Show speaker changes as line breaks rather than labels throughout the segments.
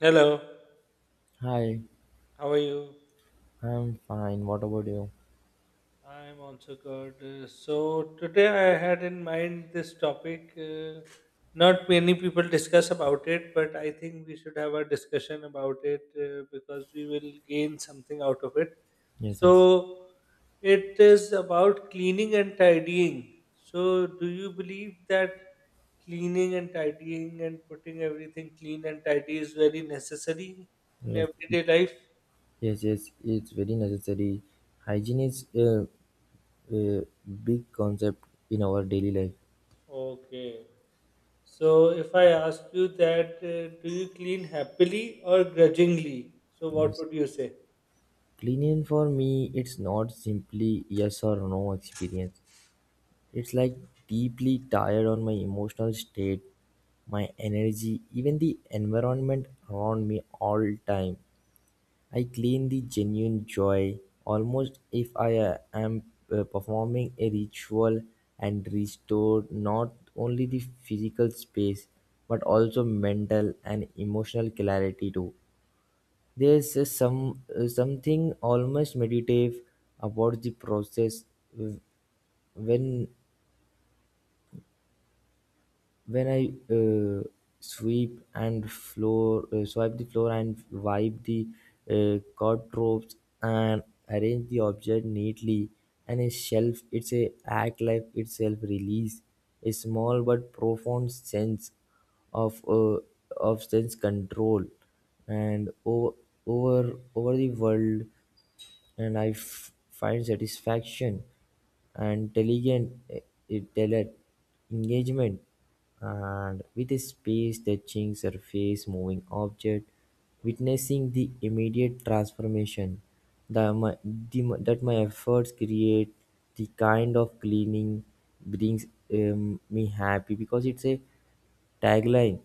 Hello,
Hi,
how are you?
I'm fine. What about you?
I'm also good. So, today I had in mind this topic. Not many people discuss about it, but I think we should have a discussion about it because we will gain something out of it.
Yes, yes,
So, it is about cleaning and tidying. So, do you believe that cleaning and tidying and putting everything clean and tidy is very necessary in
yes,
everyday life?
yes, yes. It's very necessary. Hygiene is a big concept in our daily life.
Okay. So, if I ask you that, do you clean happily or grudgingly? So, what
Yes,
would you say?
cleaning for me, it's not simply yes or no experience. It's like deeply tired on my emotional state, my energy, even the environment around me all time. I clean the genuine joy, almost if I am performing a ritual, and restore not only the physical space but also mental and emotional clarity too. There's a some something almost meditative about the process uh, when when I sweep and floor, swipe the floor and wipe the uh, ropes and arrange the object neatly and a shelf, it's a act like itself release a small but profound sense of uh, of sense control and over the world, and I find satisfaction and intelligent engagement and with a space touching surface moving object, witnessing the immediate transformation that my efforts create. The kind of cleaning brings me happy because it's a tagline: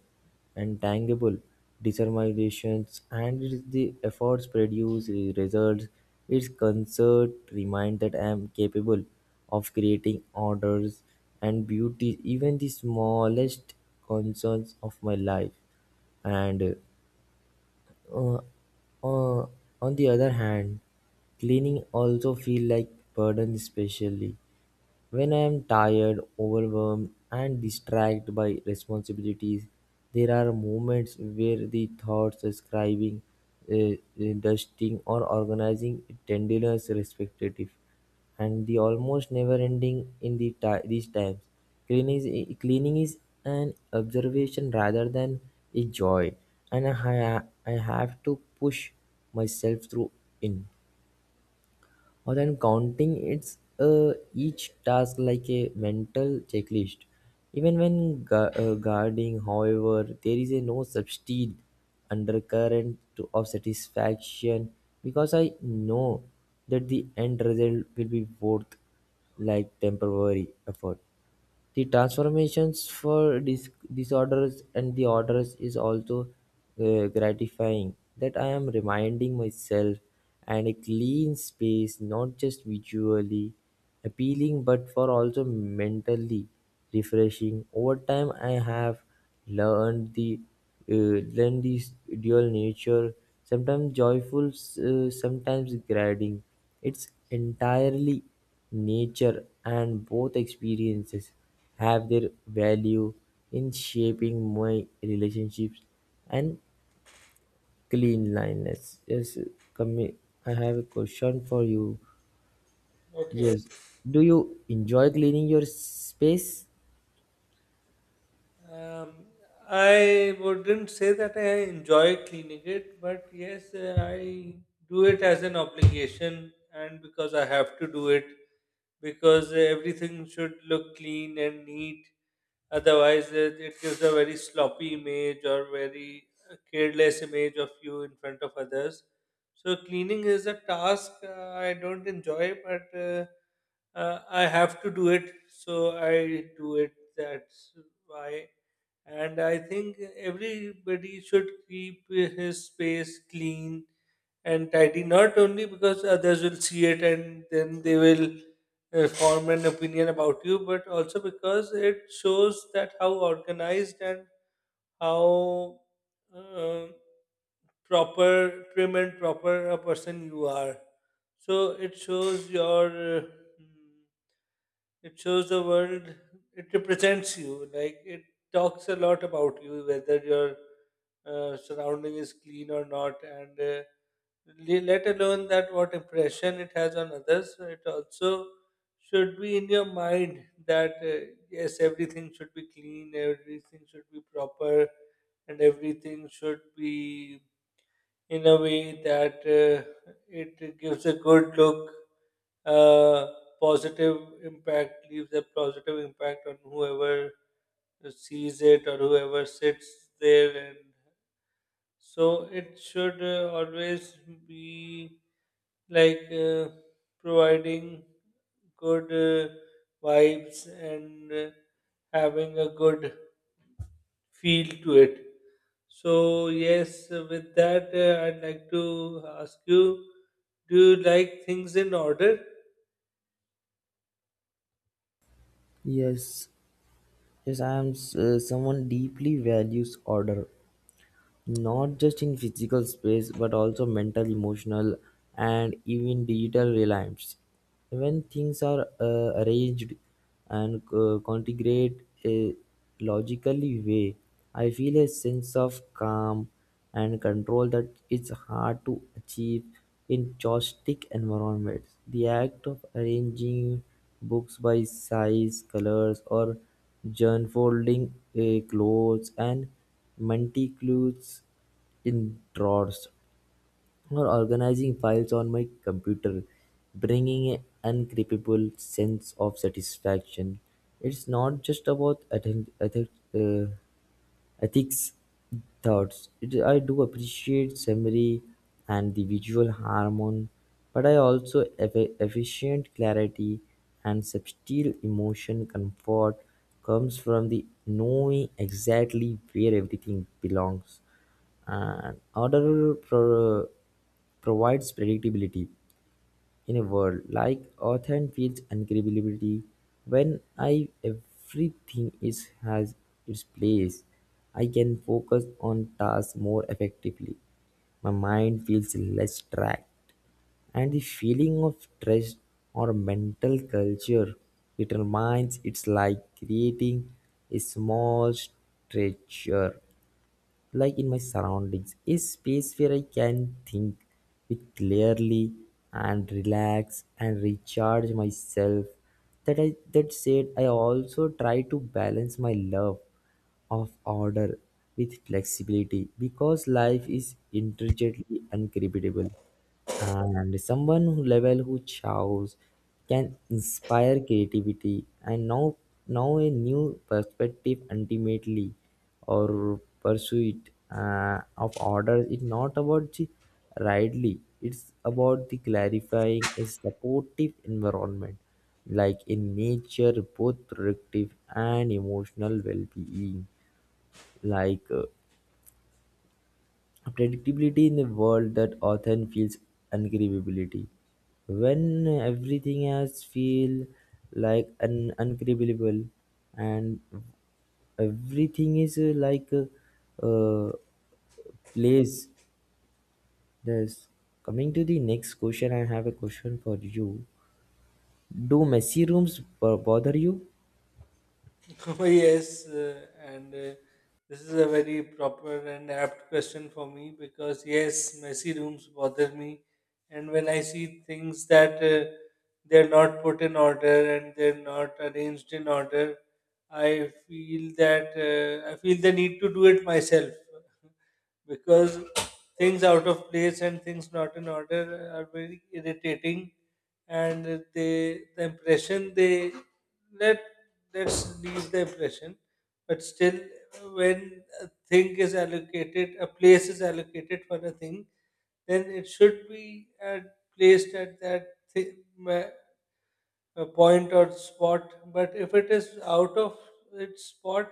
"Intangible: determination and it is the efforts produce the results; its concert remind that I am capable of creating orders and beauty even the smallest concerns of my life." And uh, uh, on the other hand, cleaning also feel like burden especially. When I am tired, overwhelmed, and distracted by responsibilities, there are moments where the thoughts describing, uh, dusting, or organizing tenderness respective, and the almost never ending in these times. Cleaning is an observation rather than a joy, and I have to push myself through in or than counting it's each task like a mental checklist even when guarding. However, there is a no substitute undercurrent of satisfaction because I know that the end result will be worth like temporary effort. The transformations for disorders and the orders is also gratifying that I am reminding myself, and a clean space not just visually appealing but for also mentally refreshing. Over time I have learned the learned this dual nature, sometimes joyful, sometimes grading, it's entirely nature, and both experiences have their value in shaping my relationships and cleanliness. Yes, commi- I have a question for you.
Okay.
Yes, do you enjoy cleaning your space?
Um, I wouldn't say that I enjoy cleaning it, but yes, I do it as an obligation and because I have to do it because everything should look clean and neat. Otherwise, it gives a very sloppy image or very careless image of you in front of others. So, cleaning is a task I don't enjoy, but I have to do it, so I do it. That's why, and I think everybody should keep his space clean and tidy, not only because others will see it and then they will form an opinion about you, but also because it shows that how organized and how uh, prim and proper a person you are. So it shows your hmm, it shows the world, it represents you, like it talks a lot about you whether your surrounding is clean or not, and let alone that what impression it has on others. So it also should be in your mind that yes, everything should be clean, everything should be proper, and everything should be in a way that it gives a good look, uh, positive leaves a positive impact on whoever sees it or whoever sits there. And so it should always be like providing good uh, vibes and having a good feel to it. So, yes, with that, I'd like to ask you, do you like things in order?
Yes, yes, I am someone deeply values order, not just in physical space but also mental, emotional, and even digital reliance. When things are arranged and configured a logically way, I feel a sense of calm and control that is hard to achieve in chaotic environments. The act of arranging books by size, colors, or unfolding clothes and multi-clues in drawers, or organizing files on my computer, bringing an incredible sense of satisfaction. It's not just about uh, ethics thoughts. It, I do appreciate summary and the visual harmony, but I also efficient clarity, and subtle emotion comfort comes from the knowing exactly where everything belongs. And order provides predictability in a world like Earth, and feels incredibility when I everything is has its place. I can focus on tasks more effectively. My mind feels less tracked, and the feeling of stress or mental culture determines it's like creating a small structure like in my surroundings, a space where I can think with clearly and relax and recharge myself. That said, I also try to balance my love of order with flexibility because life is intricately unpredictable, and someone who level who chows can inspire creativity and now a new perspective. Ultimately, or pursuit of orders is not about the rightly, it's about the clarifying a supportive environment like in nature, both productive and emotional well-being, like predictability in a world that often feels unbelievability. When everything else feels like unbelievable and everything is like a, uh, place, this coming to the next question. I have a question for you: do messy rooms bother you?
Yes, and this is a very proper and apt question for me, because yes, messy rooms bother me, and when I see things that they're not put in order and they're not arranged in order, I feel the need to do it myself. Because things out of place and things not in order are very irritating, and they the impression they let let's leave the impression. But still, when a thing is allocated, a place is allocated for a thing, then it should be placed at a point or spot, but if it is out of its spot,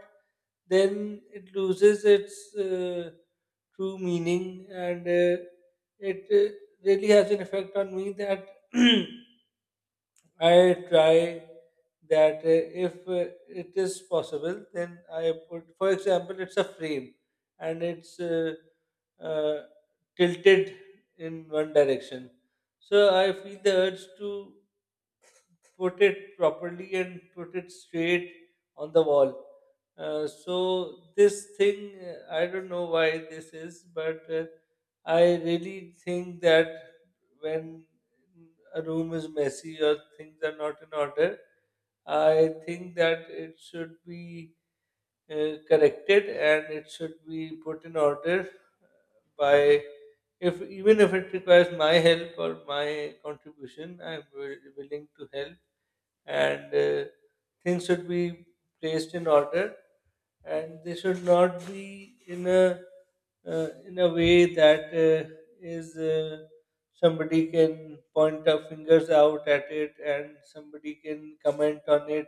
then it loses its true meaning, and it really has an effect on me. That I try that if it is possible, then I put, for example, it's a frame and it's uh, tilted in one direction. So I feel the urge to put it properly and put it straight on the wall. So this thing, I don't know why this is, but I really think that when a room is messy or things are not in order, I think that it should be corrected and it should be put in order by if even if it requires my help or my contribution, I'm willing to help, and things should be placed in order and they should not be in a way that is somebody can point our fingers out at it and somebody can comment on it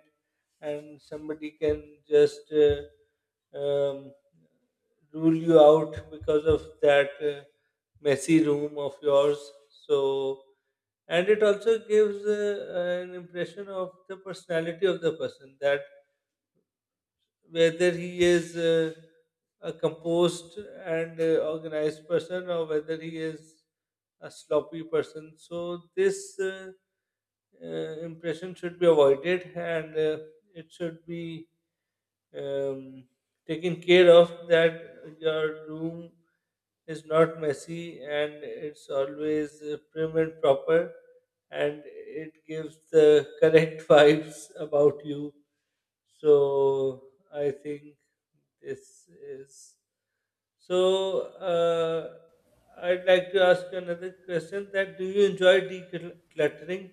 and somebody can just um, rule you out because of that messy room of yours. So, and it also gives an impression of the personality of the person, that whether he is a composed and organized person or whether he is a sloppy person. So this impression should be avoided, and it should be um, taken care of that your room is not messy and it's always prim and proper, and it gives the correct vibes about you. So I think this is. So, uh, I'd like to ask another question: that do you enjoy decluttering?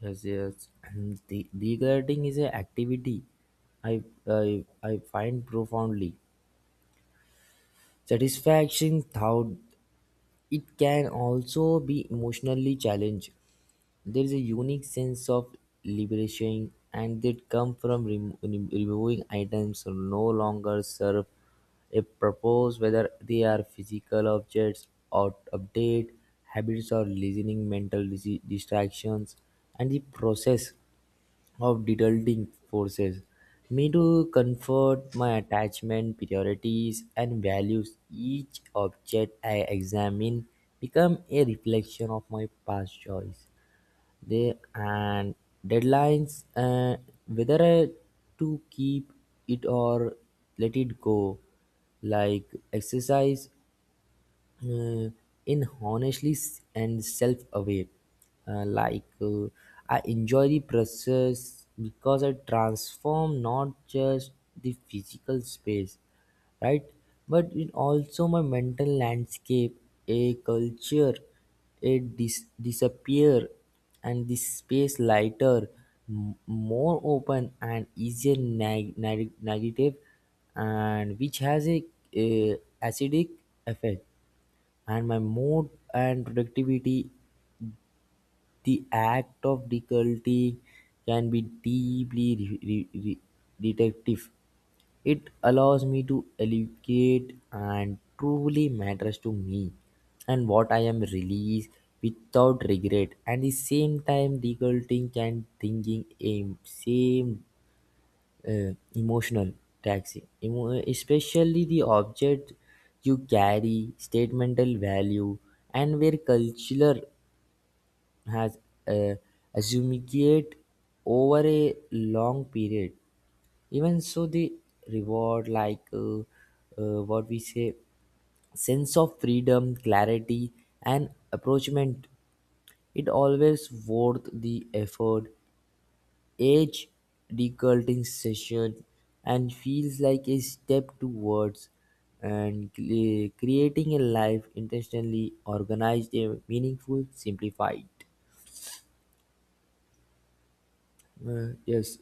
Yes, yes. And the decluttering is an activity I, I find profoundly satisfaction, though it can also be emotionally challenging. There is a unique sense of liberation and that comes from removing items that no longer serve a purpose, whether they are physical objects or update habits or listening mental distractions, and the process of deterring forces me to comfort my attachment, priorities and values. Each object I examine become a reflection of my past choice, they and deadlines, whether I to keep it or let it go, like exercise uh, in honestly and self aware. Uh, like uh, I enjoy the process because I transform not just the physical space, right, but it also my mental landscape, a culture, a disappear, and the space lighter, m- more open and easier, negative, and which has a acidic effect and my mood and productivity. The act of decluttering can be deeply detective. It allows me to elucidate and truly matters to me and what I am released without regret. And the same time, decluttering can thinking aim same emotional taxi. Especially the object you carry statemental value and where culture has uh, accumulated over a long period. Even so, the reward, like what we say, sense of freedom, clarity, and approachment, it always worth the effort age, decolonization, and feels like a step towards and creating a life intentionally organized, a meaningful, simplified. Yes.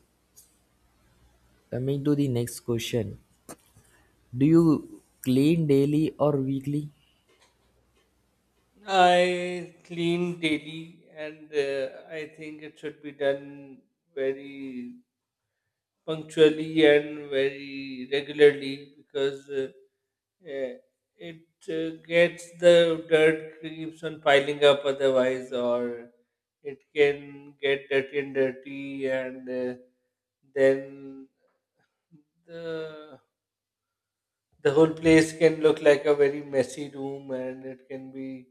Coming to the next question: do you clean daily or weekly?
I clean daily, and I think it should be done very punctually and very regularly, because eh, it gets, the dirt keeps on piling up otherwise, or it can get dirty and dirty, and then the the whole place can look like a very messy room, and it can be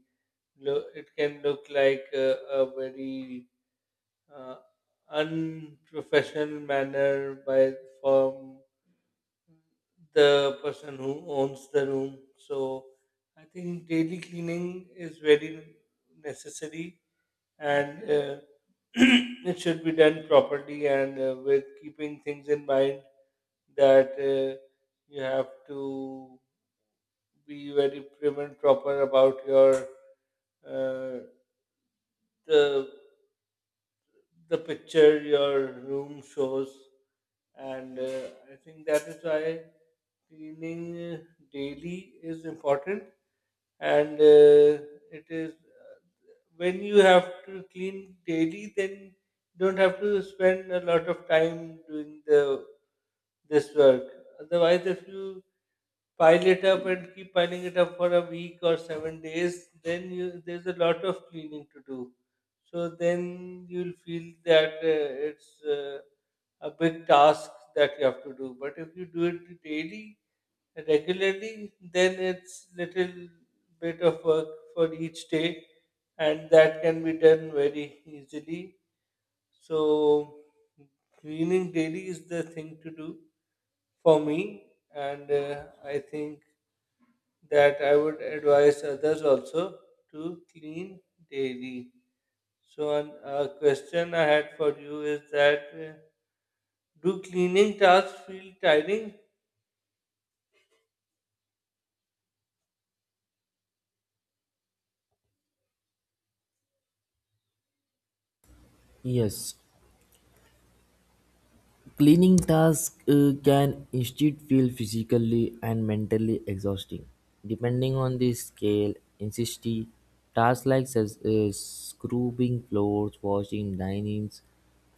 lo- it can look like a very uh, unprofessional manner by from the person who owns the room. So I think daily cleaning is very necessary, and it should be done properly and with keeping things in mind that you have to be very prim and proper about your uh, the the picture your room shows, and I think that is why cleaning uh, daily is important. And it is, when you have to clean daily, then you don't have to spend a lot of time doing the this work. Otherwise if you pile it up and keep piling it up for a week or 7 days, then you there's a lot of cleaning to do. So then you'll feel that it's a big task that you have to do. But if you do it daily, regularly, then it's little bit of work for each day, and that can be done very easily. So cleaning daily is the thing to do for me, and I think that I would advise others also to clean daily. So, a question I had for you is that do cleaning tasks feel tiring?
Yes. Cleaning tasks can instead feel physically and mentally exhausting. Depending on the scale, intensity, tasks like scrubbing floors, washing dinings,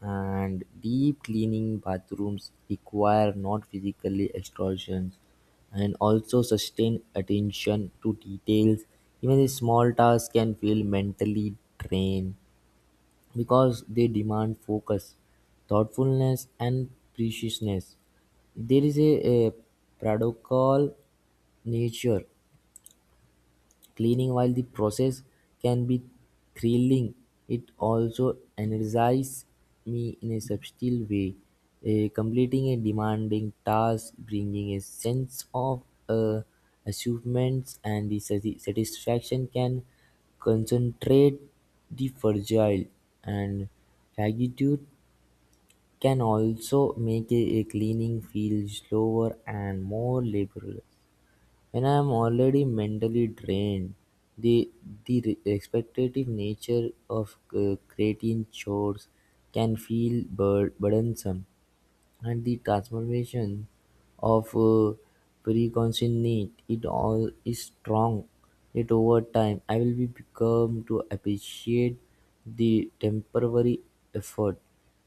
and deep cleaning bathrooms require not physically exhaustion and also sustain attention to details. Even a small task can feel mentally drained because they demand focus, thoughtfulness, and preciousness. There is a paradoxical nature. Cleaning while the process can be thrilling, it also energizes me in a subtle way. Eh, completing a demanding task, bringing a sense of uh, achievements, and the satisfaction can concentrate the fragile and gratitude. Can also make a cleaning feel slower and more liberal. When I am already mentally drained, the, the expectative nature of creating chores can feel burdensome. And the transformation of precognition it all is strong. Yet over time, I will be become to appreciate the temporary effort.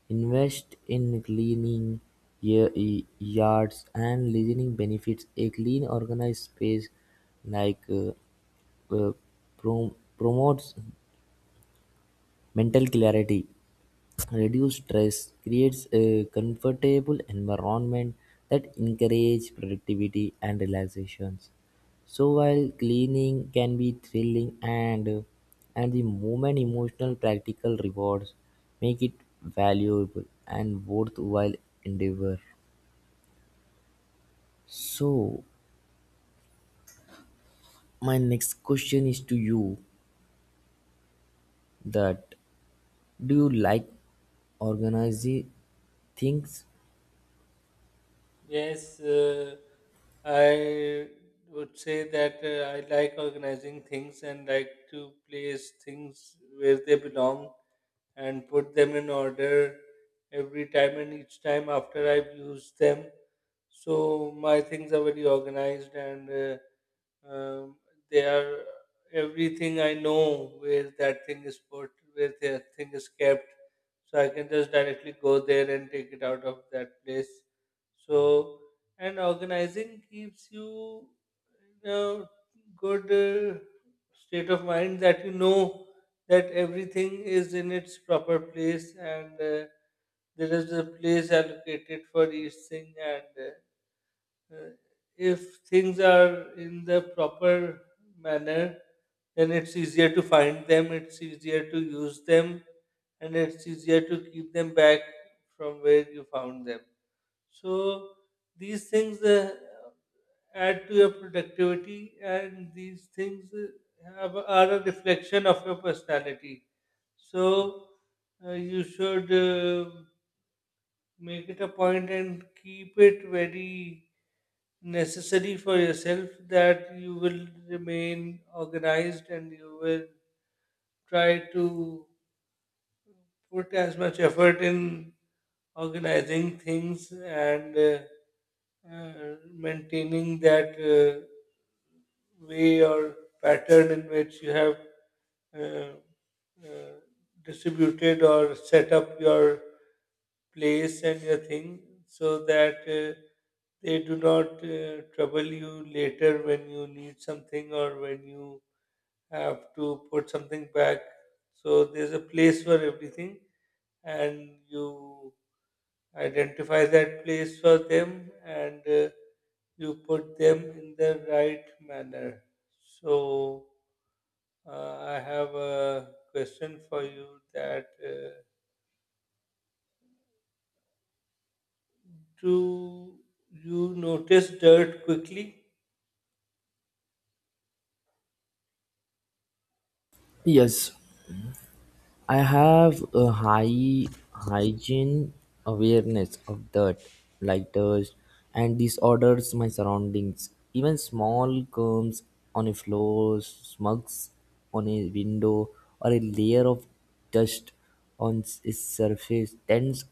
Invest in cleaning yards and listening benefits. A clean, organized space like uh, promotes mental clarity, reduced stress, creates a comfortable environment that encourages productivity and relaxations. So while cleaning can be thrilling and the moment emotional practical rewards make it valuable and worthwhile endeavor. So, my next question is to you, that do you like organizing things?
Yes, I would say that I like organizing things and like to place things where they belong and put them in order every time and each time after I've used them. So, my things are very organized, and Um, they are everything, I know where that thing is put, where that thing is kept. So I can just directly go there and take it out of that place. So and organizing keeps you in a good state of mind, that you know that everything is in its proper place, and there is a place allocated for each thing, and uh, if things are in the proper manner, then it's easier to find them, it's easier to use them, and it's easier to keep them back from where you found them. So, these things add to your productivity, and these things are a reflection of your personality. So, you should. Make it a point and keep it very necessary for yourself that you will remain organized, and you will try to put as much effort in organizing things and maintaining that way or pattern in which you have uh, uh, distributed or set up your place and your thing, so that they do not trouble you later when you need something or when you have to put something back. So there's a place for everything and you identify that place for them, and you put them in the right manner. So, I have a question for you, that do you notice dirt quickly?
Yes, I have a high hygiene awareness of dirt, like dust, and disorders my surroundings. Even small crumbs on a floor, smugs on a window, or a layer of dust on its surface tends to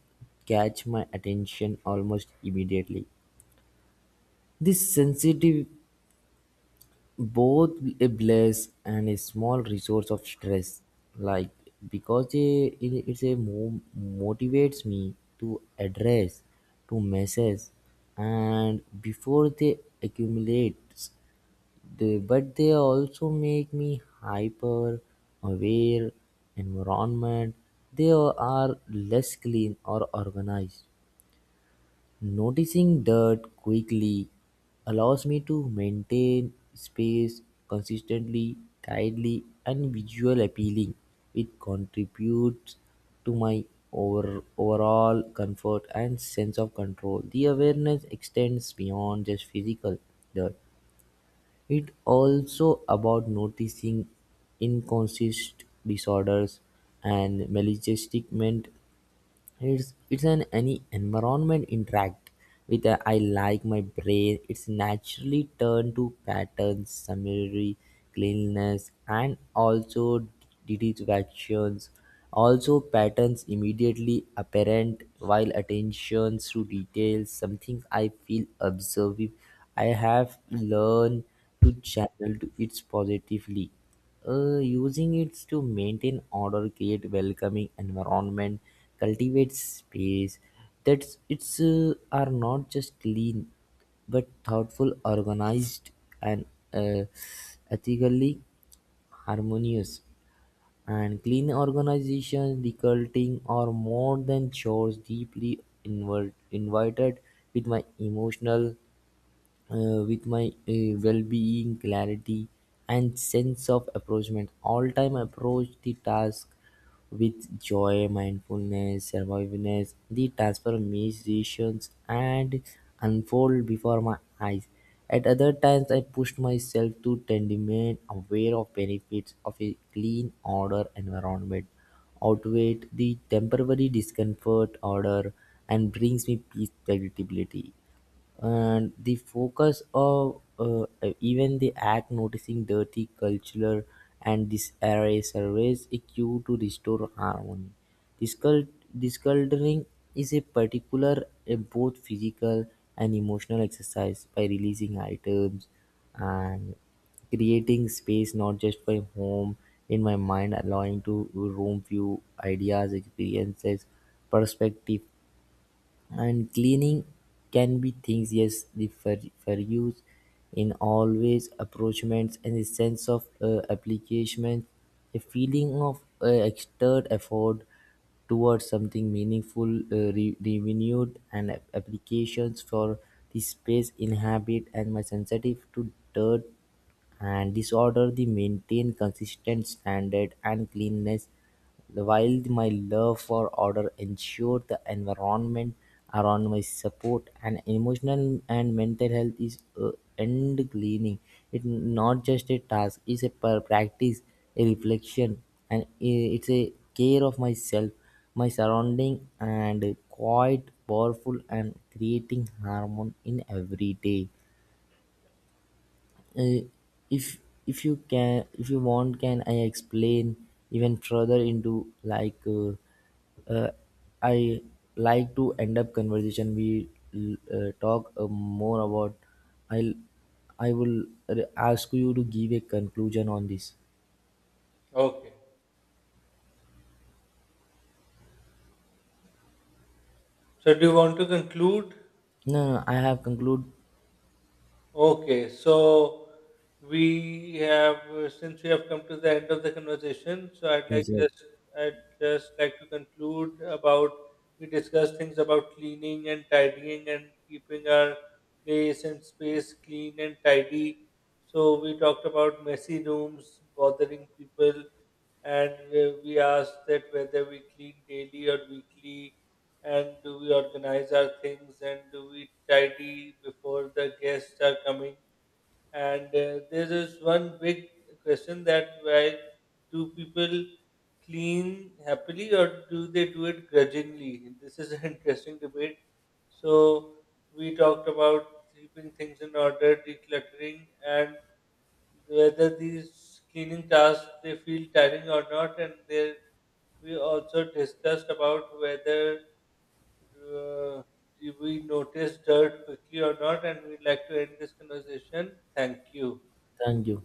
catch my attention almost immediately. This sensitive both a bless and a small resource of stress, like, because it motivates me to address to message and before they accumulate, they, but they also make me hyper aware environment they are less clean or organized. Noticing dirt quickly allows me to maintain space consistently, tidily, and visual appealing. It contributes to my overall comfort and sense of control. The awareness extends beyond just physical dirt. It also about noticing inconsistent disorders and maladjustment, it's an any environment interact with a, I like my brain. It's naturally turned to patterns, summary, cleanliness, and also deductions. Also, patterns immediately apparent while attentions to details. Something I feel observing. I have learned to channel to it positively. Using it to maintain order, create welcoming environment, cultivate space that's it's are not just clean but thoughtful, organized, and uh, ethically harmonious. And clean organizations, decluttering are more than chores. Deeply invited with my emotional with my well-being clarity and sense of approachment. All time approach the task with joy, mindfulness, survivalness, the transformations and unfold before my eyes. At other times I pushed myself to tend remain aware of benefits of a clean order environment outweigh the temporary discomfort order, and brings me peace, predictability, and the focus of even the act noticing dirty cultural, and this array surveys a cue to restore harmony. Discul- Disculturing is a particular a both physical and emotional exercise by releasing items and creating space not just for home in my mind allowing to room few ideas, experiences, perspective, and cleaning can be things yes the for use in always approachments and the sense of application, a feeling of extra effort towards something meaningful, renewed and applications for the space inhabit, and my sensitive to dirt and this order, they maintain consistent standard and cleanness while my love for order ensure the environment around my support and emotional and mental health is end cleaning. It's not just a task, it's a practice, a reflection, and it's a care of myself, my surrounding, and quite powerful and creating harmony in every day. Uh, if if you can, if you want, can I explain even further into like I like to end up conversation. We talk more about. I will I will ask you to give a conclusion on this.
Okay. So, do you want to conclude?
No, no, I have conclude.
Okay, so we have since we have come to the end of the conversation, so
Yes, yes,
I'd just like to conclude about, we discussed things about cleaning and tidying and keeping our place and space clean and tidy. So we talked about messy rooms bothering people, and we asked that whether we clean daily or weekly, and do we organize our things, and do we tidy before the guests are coming, and there is one big question, that why do people clean happily or do they do it grudgingly. This is an interesting debate. So we talked about keeping things in order, decluttering, and whether these cleaning tasks they feel tiring or not, and they we also discussed about whether uh, do we notice dirt quickly or not, and we'd like to end this conversation. Thank you.
thank you.